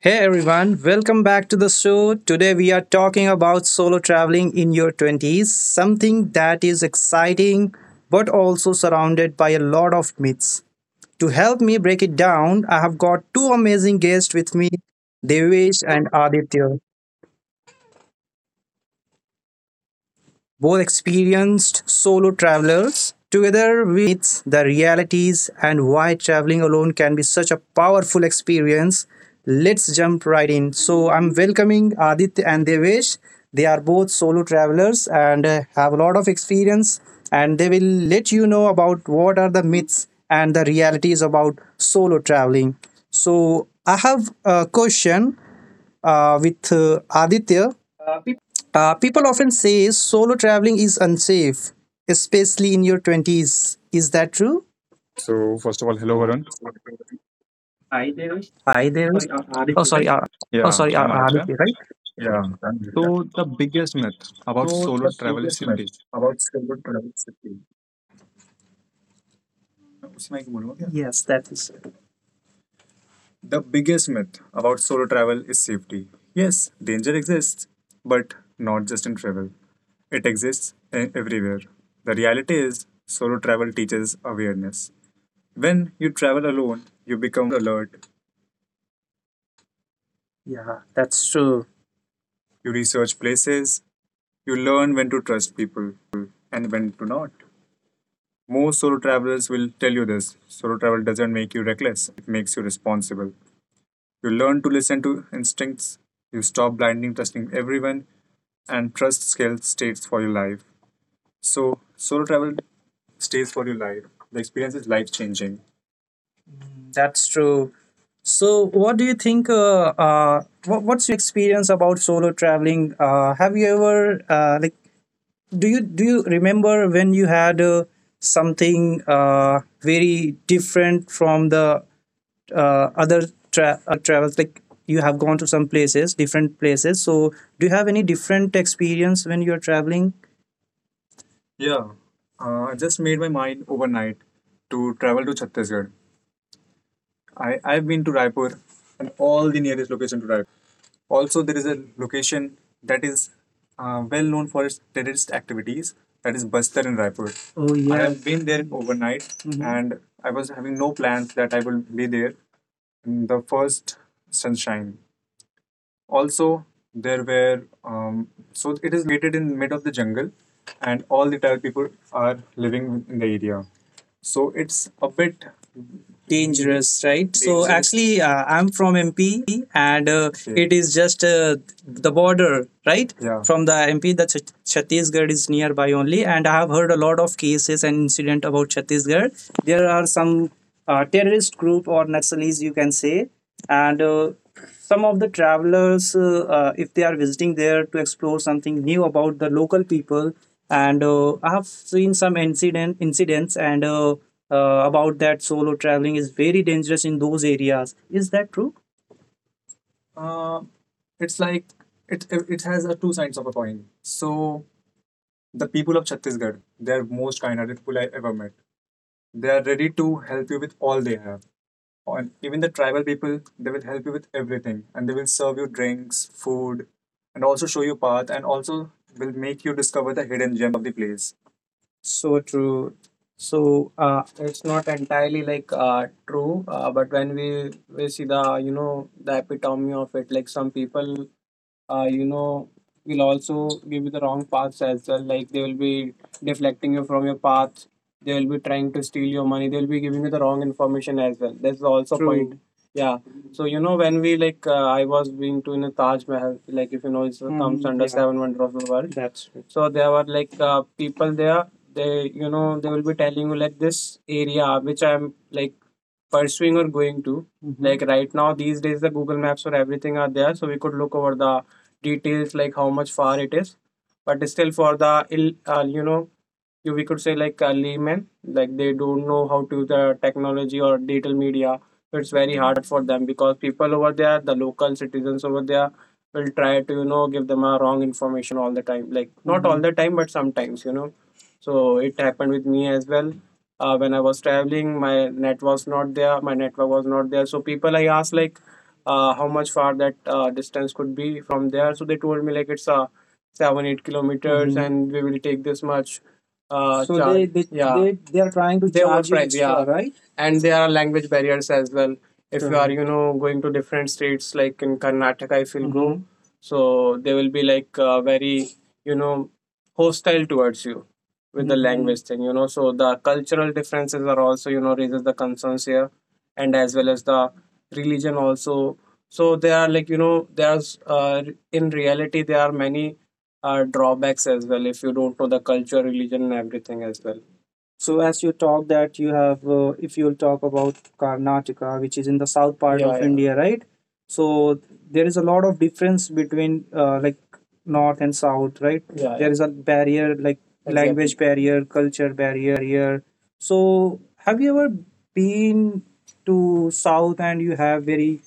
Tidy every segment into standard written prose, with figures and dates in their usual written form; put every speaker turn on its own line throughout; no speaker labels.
Hey everyone, welcome back to the show. Today we are talking about solo traveling in your 20s, something that is exciting but also surrounded by a lot of myths. To help me break it down, I have got two amazing guests with me, Devesh and Aditya, both experienced solo travelers. Together, we'll talk about the myths, the realities, and why traveling alone can be such a powerful experience. Let's jump right in. So, I'm welcoming Aditya and Devesh. They are both solo travelers and have a lot of experience, and they will let you know about what are the myths and the realities about solo traveling. So, I have a question with Aditya.
People,
People often say solo traveling is unsafe, especially in your 20s. Is that true?
so first of all, hello
So,
Varun.
what do you think?
Hi Devish.
Hi
Oh,
there.
sorry,
Oh,
Aditya, right? Yeah,
sorry,
I'm Aditya.
Aditya, right? Yeah, I'm here, yeah.
So the biggest myth about
So
solo
the
travel is
biggest myth
safety.
about solo travel safety. उसमें एक बोलूँ क्या? Yes, that is it. The biggest myth about solo travel is safety. Yes, danger exists, but not just in travel. It exists in everywhere. The reality is, solo travel teaches awareness. When you travel alone, you become more alert. Yeah, that's true. You research places, you learn when to trust people and when to not. Most solo travelers will tell you this: solo travel doesn't make you reckless, it makes you responsible. You learn to listen to instincts, you stop blindly trusting everyone, and trust scale stays for your life. So, solo travel stays for your life. The experience is life changing. That's true. So, what do you think? What's your experience about solo traveling? Have you ever like do you remember when you had something very different from the uh, other other travels? Like you have gone to some places, different places. So, do you have any different experience when you're traveling? Yeah, I just made my mind overnight to travel to Chhattisgarh. I've been to Raipur and all the nearest location to Raipur. Also, there is a location that is well known for its terrorist activities, that is Bastar in Raipur. Oh yes. I yes. have been there overnight, Mhm. And I was having no plans that I will be there in the first sunshine. Also, there were, so it is located in mid of the jungle and all the Tamil people are living in the area. So it's a bit dangerous, right? so Dangerous, actually. I'm from MP and okay, it is just the border, right? Yeah, from the MP, the Chhattisgarh is nearby only, and I have heard a lot of cases and incident about Chhattisgarh. There are some terrorist group or Naxalis you can say, and some of the travelers if they are visiting there to explore something new about the local people, and I have seen some incidents and about that, solo traveling is very dangerous in those areas. Is that true? uh, it's like it it has a two sides of a coin. So the people of Chhattisgarh, they're most kind-hearted people I ever met. They are ready to help you with all they have. Or even the tribal people, they will help you with everything and they will serve you drinks, food, and also show you path and also will make you discover the hidden gems of the place. So true. So it's not entirely like true, but when we see the, you know, the epitome of it, like some people you know, will also give you the wrong paths as well. Like they will be deflecting you from your path. They will be trying to steal your money. They will be giving you the wrong information as well. That's also a point. True. Yeah. So you know, when we like I was been to in a Taj Mahal, like if you know it comes Mm, under yeah, seven wonder of the world. That's true. So there were like people there. They will be telling you like this area which I'm like pursuing or going to. Hmm. Like right now these days the Google Maps or everything are there, so we could look over the details like how much far it is. But still for the ill, you know, you we could say like a layman, like they don't know how to the technology or digital media, so it's very hard for them because people over there, the local citizens over there will try to, you know, give them a wrong information all the time. Like not mm-hmm. all Mhm. the time but sometimes, you know. So it happened with me as well when I was traveling my net was not there, my network was not there, so people I asked like how much far that distance could be from there. So they told me like it's a 7 or 8 kilometers, Mhm. and we will take this much So they yeah, they are trying to, they charge you extra, yeah, right? And there are language barriers as well if you are, you know, going to different states like in Karnataka if you Mm-hmm. go Mhm. So they will be like very, you know, hostile towards you with mm-hmm. the Mhm. language thing, you know. So the cultural differences are also, you know, raises the concerns here, and as well as the religion also. So there are like, you know, there's uh, in reality there are many drawbacks as well if you don't know the culture, religion and everything as well. So as you talk that you have, if you'll talk about Karnataka, which is in the south part Yeah, of yeah. India, right? So there is a lot of difference between like north and south, right? Yeah, yeah. there yeah. is a barrier, like exactly. Language Exactly. barrier, culture barrier. So have you ever been to south, and you have very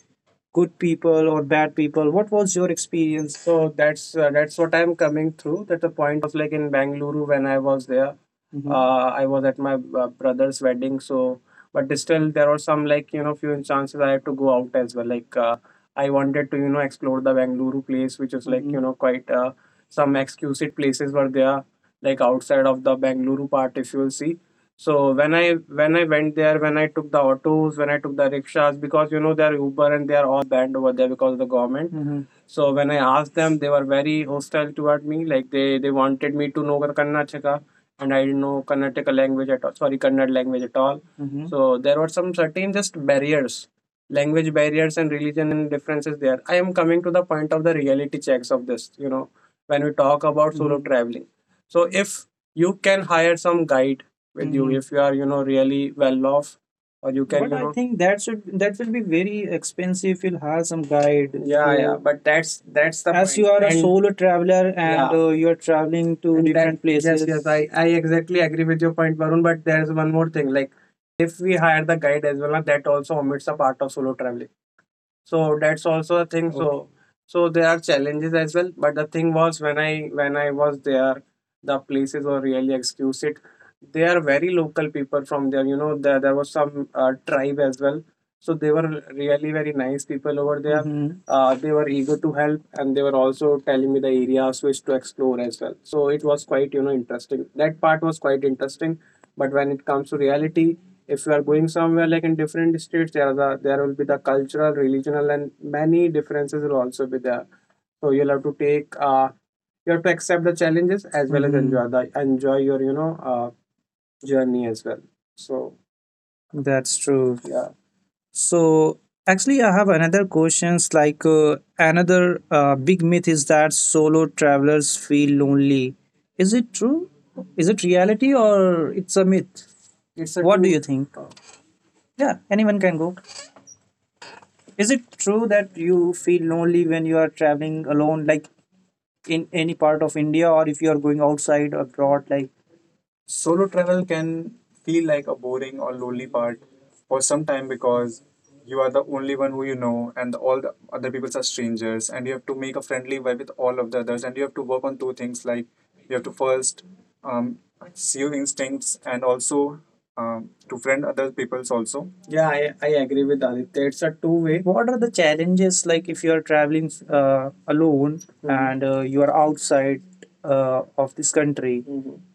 good people or bad people, what was your experience? So that's what I'm coming through. That the point was like in Bangalore when I was there. Mhm. I was at my brother's wedding. So, but still there were some, like you know, few chances I had to go out as well. Like I wanted to, you know, explore the Bangalore place, which is like, mm-hmm. you Mhm. know, quite some exquisite places were there like outside of the Bangalore part if you'll see. So when I went there, when I took the autos, when I took the rickshaws, because you know they are Uber and they are all banned over there because of the government. Mhm. So when I asked them, they were very hostile toward me. Like they wanted me to know Karnataka, and I didn't know Karnataka language at all. Sorry, Kannada language at all. Mhm. So there were some certain just barriers, language barriers and religion differences there. I am coming to the point of the reality checks of this. You know, when we talk about solo Mhm. traveling, so if you can hire some guide with you Mhm. if you are, you know, really well off, or you can, but you I know think that, should that will be very expensive. You'll hire some guide, yeah, yeah. So but that's the, as you point, are a and solo traveler, and yeah you are traveling to, and that different yes, yes. places. I exactly agree with your point, Varun, but there's one more thing, like if we hire the guide as well, that also omits a part of solo traveling, so that's also a thing. So so there are challenges as well, but the thing was when I, when I was there the places were really exquisite. They are very local people from there, you know, there was some tribe as well, so they were really very nice people over there. Mm-hmm. They were eager to help and they were also telling me the areas which to explore as well, so it was quite, you know, interesting. That part was quite interesting. But when it comes to reality, if you are going somewhere like in different states, there will be the cultural, regional and many differences will also be there, so you'll have to take, you have to accept the challenges as well as Mhm. enjoy the, enjoy your, you know, uh, journey as well. So that's true, yeah. So actually, I have another questions. Like another big myth is that solo travelers feel lonely. Is it true? Is it reality or it's a myth? It's a what do True. You true think? Yeah, anyone can go. Is it true that you feel lonely when you are traveling alone, like in any part of India, or if you are going outside abroad? Like, solo travel can feel like a boring or lonely part for some time because you are the only one who you know, and all the other people are strangers, and you have to make a friendly vibe with all of the others, and you have to work on two things. Like, you have to first um, see your instincts and also to friend other people's also. Yeah, I agree with Aditya. It's a two way. What are the challenges like if you are traveling alone, Mm. and you are outside of this country?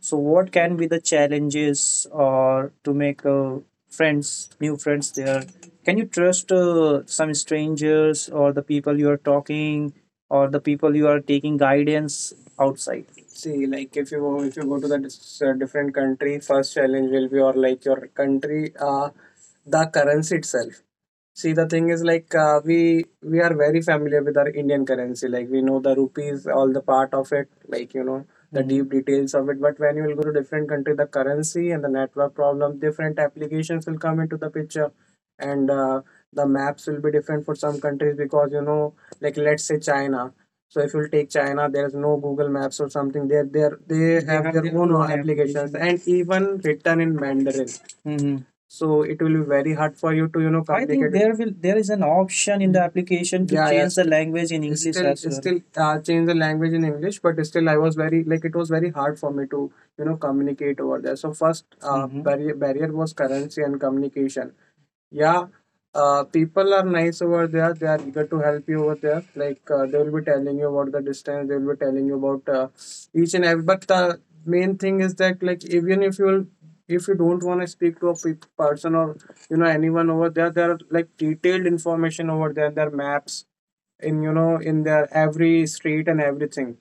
So what can be the challenges, or to make friends, new friends there? Can you trust some strangers or the people you are talking, or the people you are taking guidance outside? See, like if you go to the different country, first challenge will be, or like your country, uh, the currency itself. See, the thing is, like we are very familiar with our Indian currency. Like, we know the rupees, all the part of it, like you know the, Mhm. deep details of it. But when you will go to different country, the currency and the network problem, different applications will come into the picture, and the maps will be different for some countries because, you know, like, let's say China. So if you take China, there's no Google Maps or something. There they have their own applications and even written in Mandarin. Mhm. So it will be very hard for you to you know complicate. I think there will there is an option in the application to, Yeah, yeah. change yes. the language in English Still, as well. Still change the language in English, but still I was very, like, it was very hard for me to you know communicate over there. So first, Mhm. barrier was currency and communication. Yeah, people are nice over there. They are eager to help you over there. Like they will be telling you about the distance. They will be telling you about each and every. But the main thing is that, like, even if you will, if you don't want to speak to a person or you know anyone over there, there are like detailed information over there. There are maps in, you know, in their every street and everything.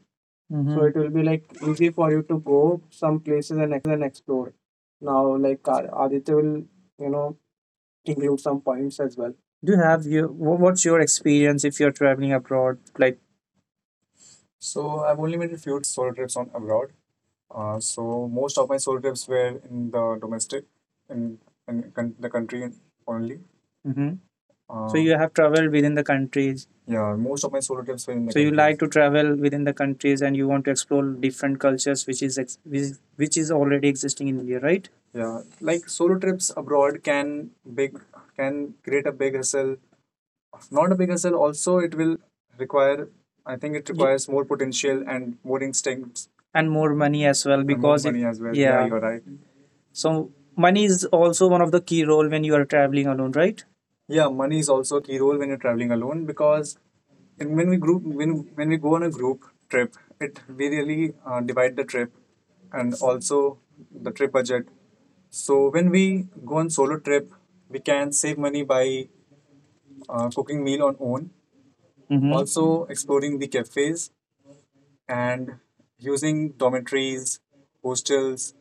So hmm it will be like easy for you to go some places and explore. Now, like Aditya, will you know include some points as well? Do you have you? What's your experience if you're traveling abroad? Like, so I've only made a few trips, solo trips on abroad. So most of my solo trips were in the domestic, in, in the country only. So you have traveled within the countries. Yeah, most of my solo trips were in the So you countries. Like countries. To travel within the countries, and you want to explore different cultures, which is which is already existing in India, right? Yeah, like solo trips abroad can big can create a big hustle. Not a big hustle. Also, it will require. I think it requires more potential and more instincts And more money as well and more because it, money as well. Yeah, yeah, you're right. So money is also one of the key role when you are traveling alone, right? Yeah, money is also a key role when you're traveling alone because, and when we go on a group trip, it we really divide the trip and also the trip budget. So when we go on solo trip, we can save money by cooking meal on own, hmm also exploring the cafes and using dormitories, hostels,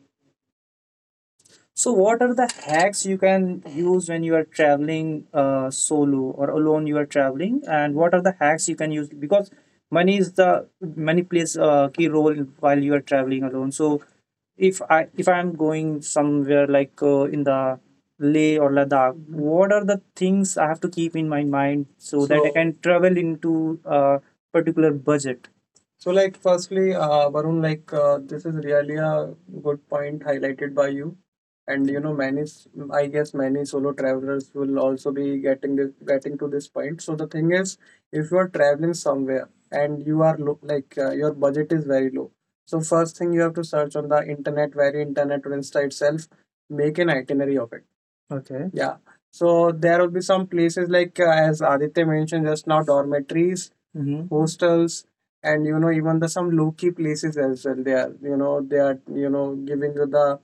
So what are the hacks you can use when you are traveling solo or alone? You are traveling, and what are the hacks you can use, because money is the money plays a key role while you are traveling alone. So if I'm going somewhere like in the Leh or Ladakh, what are the things I have to keep in my mind so, so that I can travel into a particular budget? So, like, firstly, Varun, like, this is really a good point highlighted by you. And, you know, many, I guess, many solo travelers will also be getting this, getting to this point. So the thing is, if you are traveling somewhere and you are low, like your budget is very low, so first thing you have to search on the internet, very internet or Insta itself, make an itinerary of it. Okay. Yeah. So there will be some places like as Aditya mentioned just now, dormitories, Mm-hmm. hostels, and you know even the some low key places as well. They are you know they are you know giving you the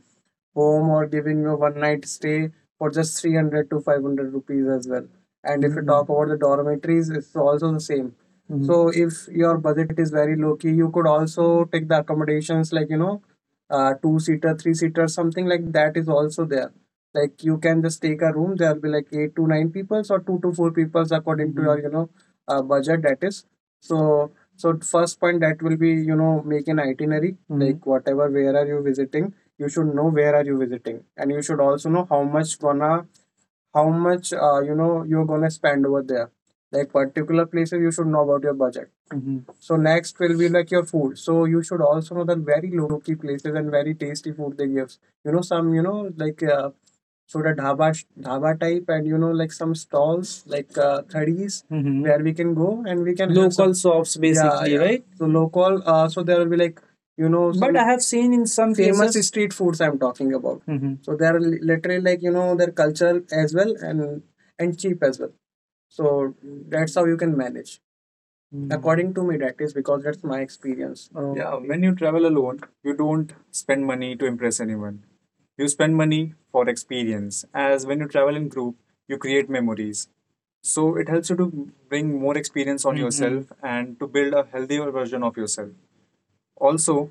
home or giving you a one night stay for just 300 to 500 rupees as well. And if you talk about the dormitories, it's also the same. Mm-hmm. So if your budget is very low key, you could also take the accommodations like, you know, two seater three seater, something like that is also there. Like you can just take a room, there will be like eight to nine people or two to four peoples according mm-hmm. to your you know budget, that is. So so first point that will be, you know, make an itinerary. Mm-hmm. Like, whatever, where are you visiting, you should know where are you visiting, and you should also know how much gonna how much you know you're gonna spend over there, like particular places you should know about your budget. Mhm. So next will be like your food, so you should also know that very low key places and very tasty food they give you know some you know like so the dhaba type, and you know like some stalls, like thadis Mhm. where we can go and we can have some local shops yeah, basically yeah, yeah. right So local so there will be like you know but some I have seen in some famous cases street foods I'm talking about. Mhm. So they are literally like, you know, their culture as well and cheap as well. So that's how you can manage. Mm. According to me, that is, because that's my experience. Oh, Yeah, okay. when you travel alone, you don't spend money to impress anyone. You spend money for experience. As when you travel in group, you create memories. So it helps you to bring more experience on Mhm. yourself and to build a healthier version of yourself. Also,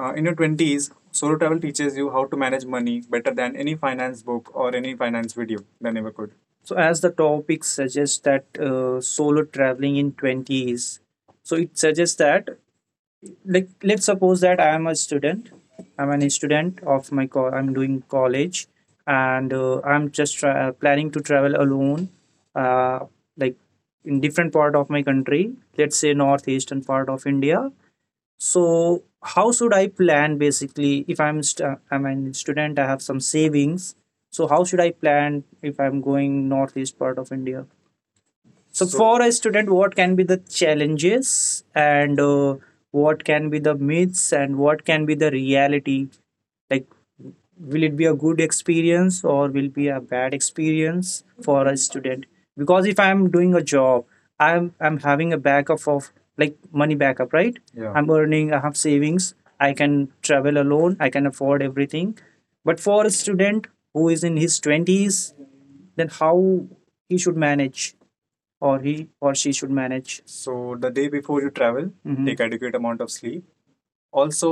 in your 20s, solo travel teaches you how to manage money better than any finance book or any finance video than ever could. So as the topic suggests that solo traveling in 20s, so it suggests that, like, let's suppose that I am a student, I'm an student of my, I'm doing college, and I'm just planning to travel alone, uh, like in different part of my country, let's say northeastern part of India. So how should I plan, basically, if I'm I'm a student, I have some savings. So how should I plan if I'm going northeast part of India? So, for a student, what can be the challenges, and what can be the myths, and what can be the reality? Like, will it be a good experience or will be a bad experience for a student? Because if I'm doing a job i'm having a backup of like money backup, right? Yeah. I'm earning, I have savings, I can travel alone, I can afford everything. But for a student who is in his 20s, then how he should manage, or he or she should manage? So the day before you travel, Mhm. take adequate amount of sleep. Also,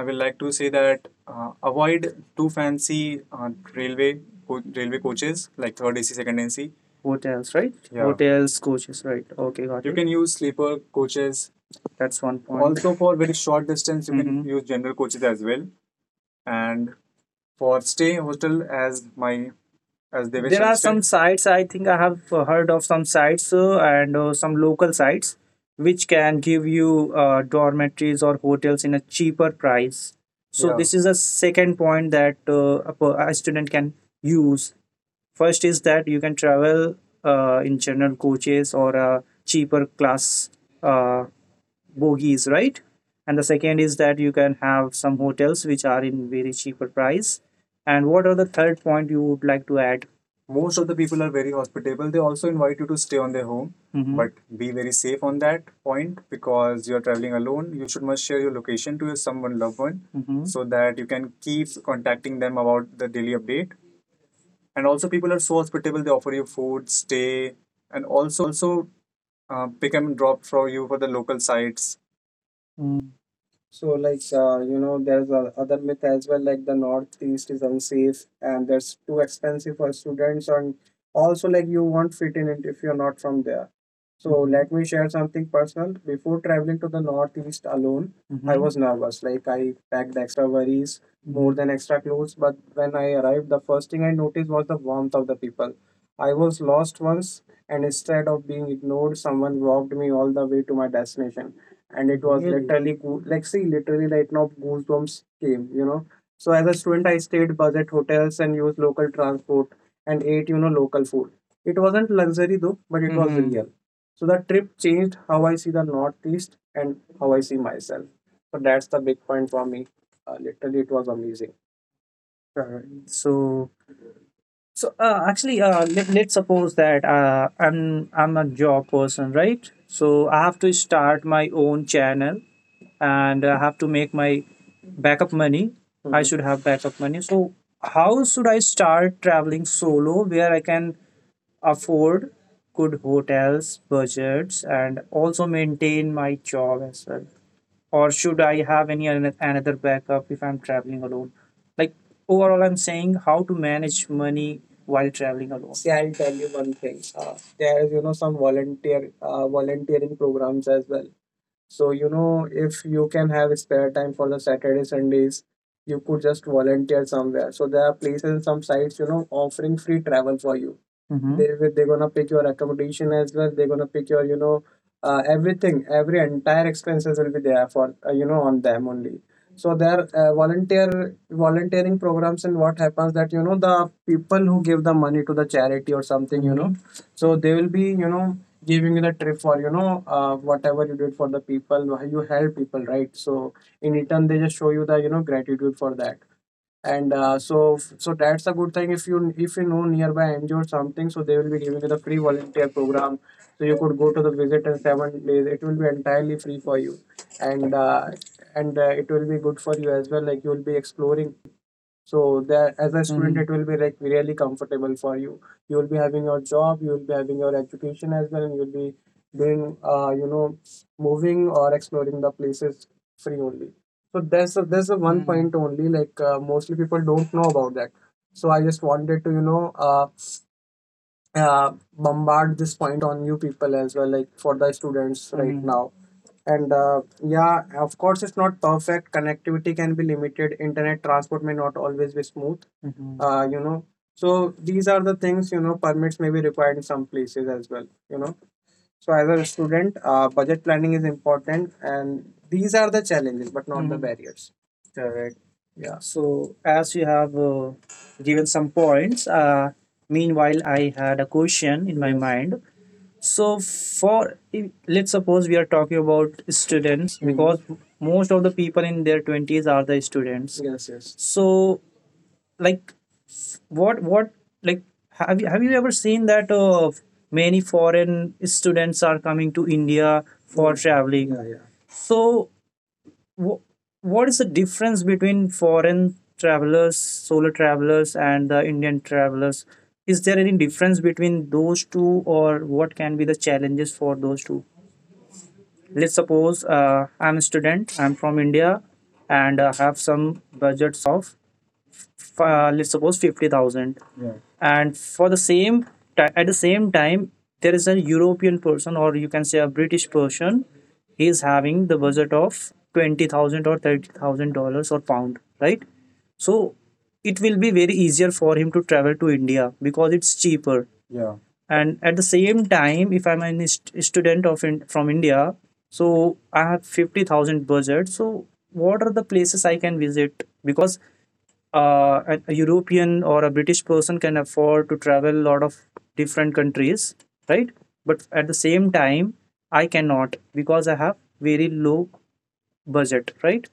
I will like to say that avoid too fancy railway railway coaches like third AC, second AC. Hotels, right? Yeah, Hotels, coaches, right? Okay, got it. You can use sleeper coaches. That's one point. Also, for very short distance, you can Mm-hmm. can use general coaches as well. And for stay hostel, as my as Devesh there are said. Some sites I think I have heard of some sites and some local sites which can give you dormitories or hotels in a cheaper price so Yeah. This is a second point that a student can use. First is that you can travel in general coaches or a cheaper class uh, bogies, right? And the second is that you can have some hotels which are in very cheaper price. And what are the third point you would like to add? Most of the people are very hospitable. They also invite you to stay on their home, Mhm, but be very safe on that point because you are traveling alone. You should must share your location to your someone loved one, Mhm, so that you can keep contacting them about the daily update. And also, people are so hospitable. They offer you food, stay, and also pick and drop for you for the local sites. Mm. So, like, there's a other myth as well, like the Northeast is unsafe and that's too expensive for students, and also like you won't fit in it if you're not from there. So, Mhm, let me share something personal. Before traveling to the Northeast alone, I, Mhm, was nervous. Like I packed extra worries, Mhm, more, Mhm, than extra clothes. But when I arrived, the first thing I noticed was the warmth of the people. I was lost once, and instead of being ignored, someone walked me all the way to my destination, and it was... Really? Literally like, see, literally right now goosebumps came, so as a student I stayed budget hotels and used local transport and ate, local food. It wasn't luxury though, but it was, Mhm, real. So the trip changed how I see the Northeast and how I see myself. So that's the big point for me. Literally it was amazing. Alright. So actually, let's suppose that I'm a job person, right? So I have to start my own channel, and I have to make my backup money. I, Mhm, should have backup money. So how should I start traveling solo, where I can afford good hotels, budgets, and also maintain my job as well? Or should I have any another backup if I'm traveling alone? Like overall, I'm saying how to manage money while traveling alone. See, I'll tell you one thing. There is, some volunteering programs as well. So, if you can have spare time for the Saturday, Sundays, you could just volunteer somewhere. So there are places, some sites, offering free travel for you. Hmm. They're gonna pick your accommodation as well. They're gonna pick your, everything, every entire expenses will be there for on them only. So there volunteering programs, and what happens that, the people who give the money to the charity or something, so they will be, giving you the trip for, whatever you did for the people, you help people, right? So in return they just show you the, gratitude for that. And so that's a good thing if you know nearby NGO or something, so they will be giving you the free volunteer program, so you could go to the visit in 7 days. It will be entirely free for you, and uh, and it will be good for you as well, like you will be exploring. So there, as a student, hmm, it will be like really comfortable for you. You will be having your job, you will be having your education as well, and you will be doing, moving or exploring the places free only. So there's a one, Hmm, point only, like mostly people don't know about that. So I just wanted to, uh, bombard this point on you people as well, like for the students, right? Hmm. Now. And, yeah, of course it's not perfect. Connectivity can be limited. Internet transport may not always be smooth. Mhm. So these are the things, permits may be required in some places as well. You know. So as a student, budget planning is important, and these are the challenges, but not the, Mhm, barriers. Correct. Yeah. So, as you have given some points, meanwhile, I had a question in my, Yes, mind. So, for if- let's suppose we are talking about students, hmm, because most of the people in their 20s are the students. Yes. Yes. So, like, what, like, have you ever seen that many foreign students are coming to India for traveling? Yeah, yeah. So wh- what is the difference between foreign travelers, solo travelers, and the Indian travelers? Is there any difference between those two, or what can be the challenges for those two? Let's suppose I'm a student, I'm from India, and I have some budgets of, let's suppose, 50,000. And for the same at the same time, there is a European person, or you can say a British person, he is having the budget of 20,000 or $30,000 or pound, right? So it will be very easier for him to travel to India because it's cheaper, yeah. And at the same time, if I'm a st student of from India, so I have 50,000 budget, so what are the places I can visit? Because a European or a British person can afford to travel a lot of different countries, right? But at the same time, I cannot because I have very low budget, right?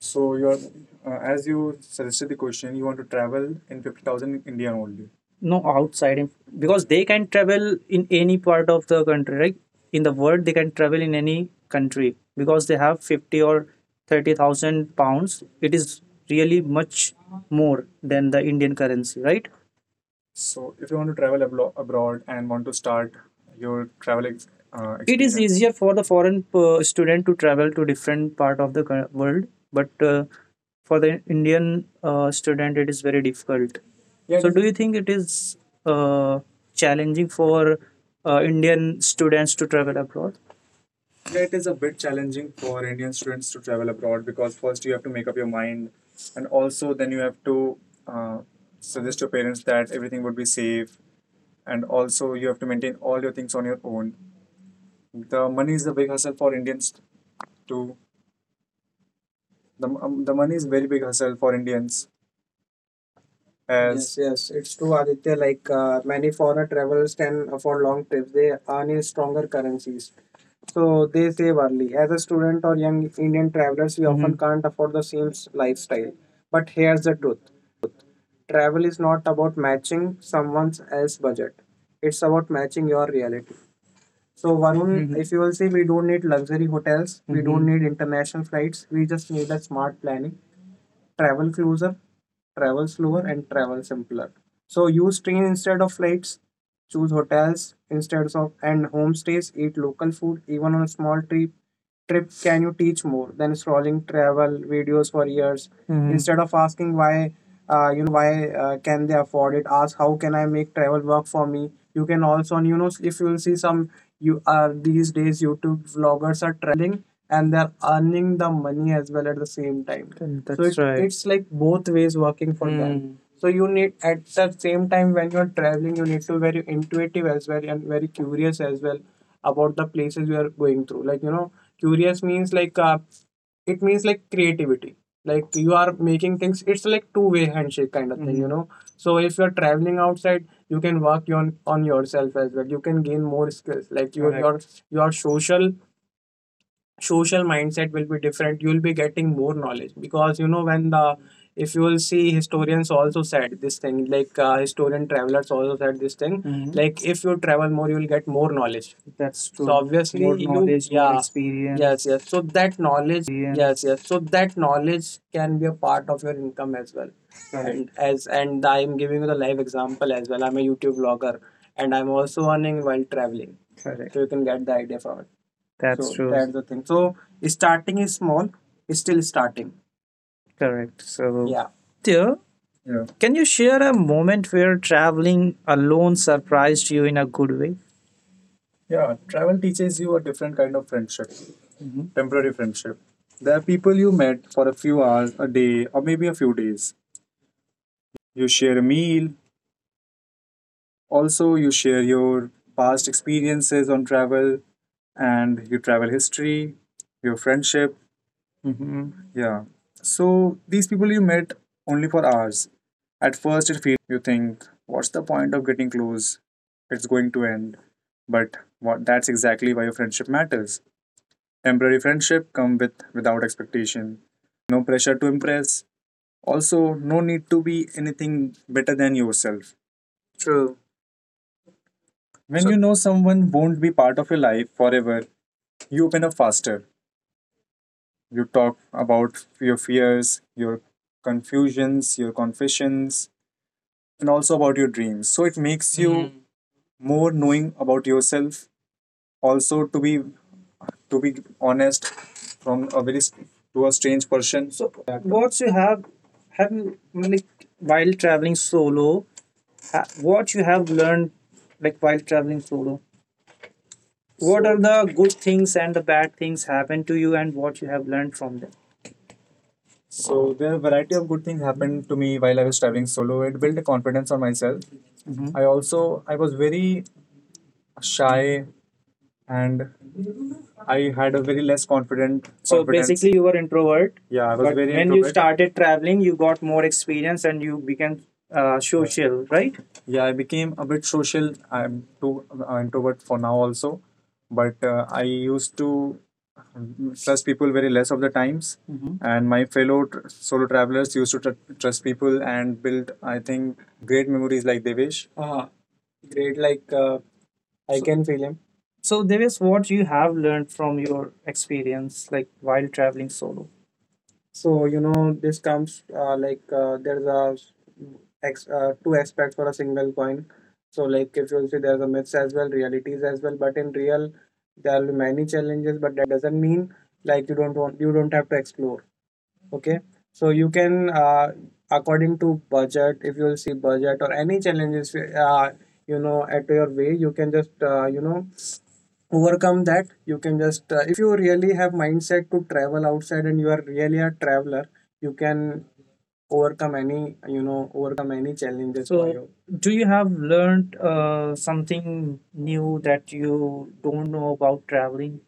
So you're, as you suggested the question, you want to travel in 50,000 in India only. No outside. Because they can travel in any part of the country, right, in the world, they can travel in any country because they have 50 or £30,000. It is really much more than the Indian currency, right? So, if you want to travel abroad and want to start your travel it is experience, easier for the foreign student to travel to different part of the world, but for the Indian student, it is very difficult. Yeah. So, do you think it is uh, challenging for Indian students to travel abroad? It is a bit challenging for Indian students to travel abroad, because first you have to make up your mind, and also then you have to uh, suggest your parents that everything would be safe, and also you have to maintain all your things on your own. The money is a big hustle for Indians too. The money is very big hustle for Indians. As, Yes, yes, it's true, Aditya. Like many foreign travelers can afford long trips, they earn in stronger currencies. So they save early. As a student or young Indian travelers, we often, Mhm, can't afford the same lifestyle. But here's the truth: travel is not about matching someone else's budget, it's about matching your reality. So, Varun, Mhm, if you will see, we don't need luxury hotels, we don't, Mhm, need international flights, we just need a smart planning: travel closer, travel slower, and travel simpler. So use train instead of flights, choose hotels instead of and homestays, eat local food, even on a small trip. Trip can you teach more than scrolling travel videos for years? Mhm. Instead of asking why, why can they afford it, ask how can I make travel work for me. You can also, if you will see some, you are, these days YouTube vloggers are traveling and they're earning the money as well at the same time. Mm. So, that's so it, right. It's like both ways working for, mm, them. Mm. So you need, at the same time when you're traveling, you need to be very intuitive as well and very curious as well about the places you are going through. Like, curious means like, it means like creativity. Like you are making things. It's like two-way handshake kind of thing. Mm-hmm. You, Mm, know. So if you're traveling outside, you can work on yourself as well. You can gain more skills. Like your, Correct, your social mindset will be different, you'll be getting more knowledge, because, when the if you will see, historians also said this thing, like historian travelers also said this thing, Mhm, like if you travel more, you'll get more knowledge. That's true. So obviously more you knowledge, more, yeah, yes, experience. Yes, yes. So that knowledge can be a part of your income as well. Right. And I am giving you the live example as well, I'm a YouTube vlogger and I'm also earning while traveling. Correct. So you can get the idea from it, that's, So true, that's the thing. So starting is small, it's still starting. Correct. So. Yeah. So, Aditya. Yeah. Can you share a moment where traveling alone surprised you in a good way? Yeah, travel teaches you a different kind of friendship, temporary friendship. There are people you met for a few hours, a day, or maybe a few days. You share a meal, also, you share your past experiences on travel and your travel history, your friendship. Mm-hmm. Yeah. So these people you met only for hours. At first, it feels strange. You think, what's the point of getting close? It's going to end. But that's exactly why your friendship matters. Temporary friendship come without expectation. No pressure to impress. Also, no need to be anything better than yourself. True. When So you know someone won't be part of your life forever, you open up faster. You talk about your fears, your confusions, your confessions, and also about your dreams. So it makes you, mhm, more knowing about yourself. Also, to be honest, from a very to a strange person. So, yeah, so yeah, what you have you like while traveling Ha, what you have learned like while traveling solo? What are the good things and the bad things happen to you, and what you have learned from them? So there are a variety of good things happened to me while I was traveling solo. It built a confidence on myself. Mhm. I was very shy and I had a very less confident. So confidence. Basically, you were introvert, yeah, I was but very, when introvert, you started traveling, you got more experience and you became, social, right? Yeah, I became a bit social. I'm too introvert for now also, but I used to trust people very less of the times. Mm-hmm. And my fellow solo travelers used to trust people and build, I think, great memories like Devesh. Uh, great, like, I, so, can feel him. So, Devis, what you have learned from your experience, like while traveling solo? So you know this comes, like, there's a two aspects for a single coin. So, like, if you see there's a myths as well, realities as well. But in real, there will be many challenges. But that doesn't mean like you don't have to explore. Okay, so you can, according to budget, if you'll see budget or any challenges, you know, at your way you can just, overcome that. You can just, if you really have mindset to travel outside and you are really a traveler, you can overcome any, challenges. For so, you do you have learned, something new that you don't know about traveling?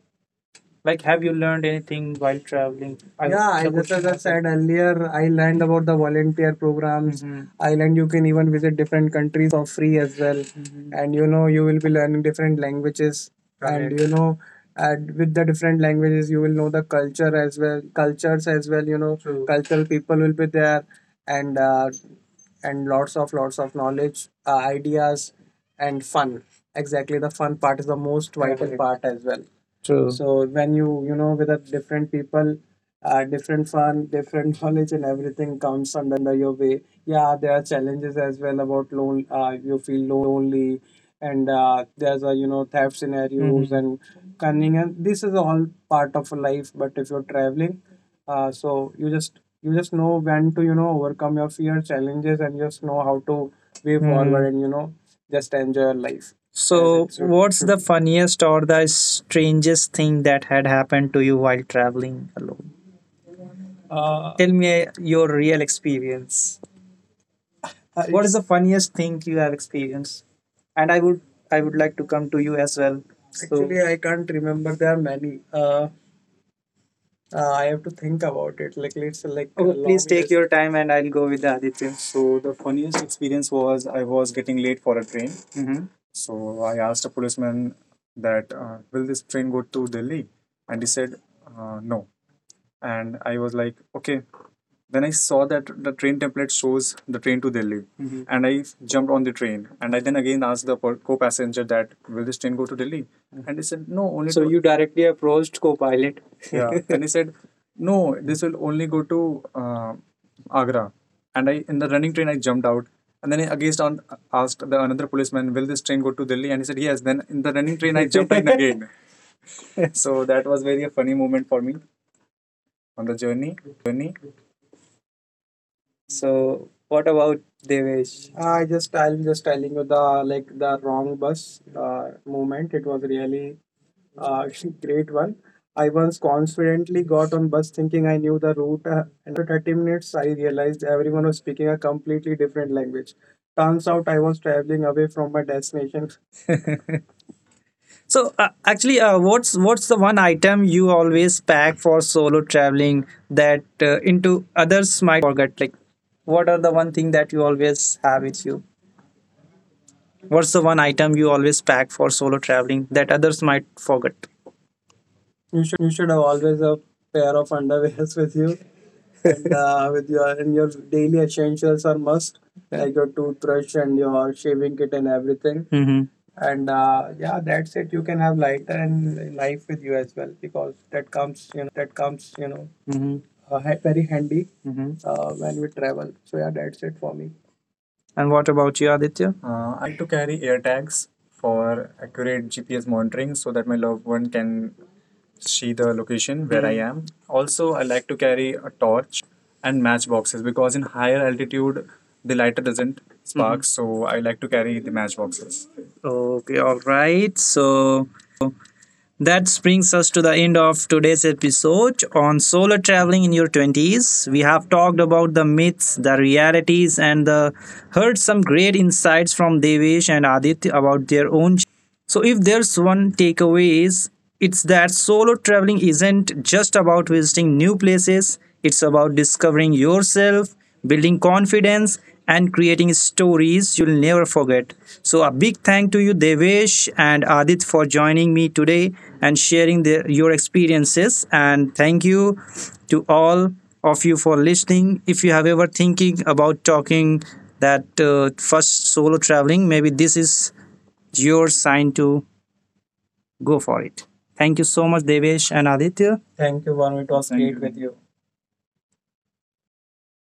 Like, have you learned anything while traveling? I Yeah, I, the just question, as I was said earlier, I learned about the volunteer programs. Mhm. I learned you can even visit different countries for free as well. Mhm. And you know you will be learning different languages, and, correct, you know, and with the different languages you will know the culture as well, cultures as well, you know. True. Cultural people will be there, and and lots of knowledge, ideas, and fun. Exactly, the fun part is the most vital, correct, part as well. True. So when you know, with the different people, different fun, different knowledge, and everything comes under your way. Yeah, there are challenges as well about lone. You feel lonely, and there's a, you know, theft scenarios, and cunning, and this is all part of life. But if you're traveling, so you just know when to, you know, overcome your fear challenges and just know how to way, forward, and you know, just enjoy your life. So, yes, what's the funniest or the strangest thing that had happened to you while traveling alone? Tell me, your real experience. What is the funniest thing you have experienced? And I would like to come to you as well. So, actually, I can't remember. There are many. I have to think about it. Like, let's say, like... Oh, a please long take your time, and I'll go with the Aditya. So the funniest experience was I was getting late for a train. Mm-hmm. So I asked a policeman that, will this train go to Delhi, and he said, no. And I was like, okay, then I saw that the train template shows the train to Delhi, mhm, and I jumped on the train. And I then again asked the co-passenger that will this train go to Delhi? Mm-hmm. And he said no, only. So to you directly approached co-pilot. Yeah. And he said no, this will only go to, uh, Agra. And I, in the running train, I jumped out. And then I again asked the another policeman, "Will this train go to Delhi?" And he said, "Yes." Then in the running train, I jumped in again. So that was very a funny moment for me on the journey. So what about Devesh? I'm just telling you the, like, the wrong bus, moment. It was really, uh, great one. I once confidently got on bus thinking I knew the route, and after 30 minutes, I realized everyone was speaking a completely different language. Turns out I was traveling away from my destination. So, what's the one item you always pack for solo traveling that, into others might forget? Like, what are the one thing that you always have with you? What's the one item you always pack for solo traveling that others might forget? You should have always a pair of underwears with you, and, with your daily essentials are must, like your toothbrush and your shaving kit and everything. Mm-hmm. And yeah, that's it. You can have lighter and knife with you as well, because that comes, you know, mm-hmm, very handy. Mm-hmm. When we travel. So yeah, that's it for me. And what about you, Aditya? I like to carry AirTags for accurate GPS monitoring so that my loved one can see the location where I, am. Also, I like to carry a torch and matchboxes because in higher altitude the lighter doesn't, mhm, spark, so I like to carry the matchboxes. Okay, all right. So that brings us to the end of today's episode on solo traveling in your 20s. We have talked about the myths, the realities, and the, heard some great insights from Devesh and Aditya about their own journey. So if there's one takeaway, is it's that solo traveling isn't just about visiting new places, it's about discovering yourself, building confidence, and creating stories you'll never forget. So a big thank to you Devesh and Adit for joining me today and sharing their, your experiences, and thank you to all of you for listening. If you have ever thinking about talking that, first solo traveling, maybe this is your sign to go for it. Thank you so much, Devesh and Aditya. Thank you, Vanu. It was great with you.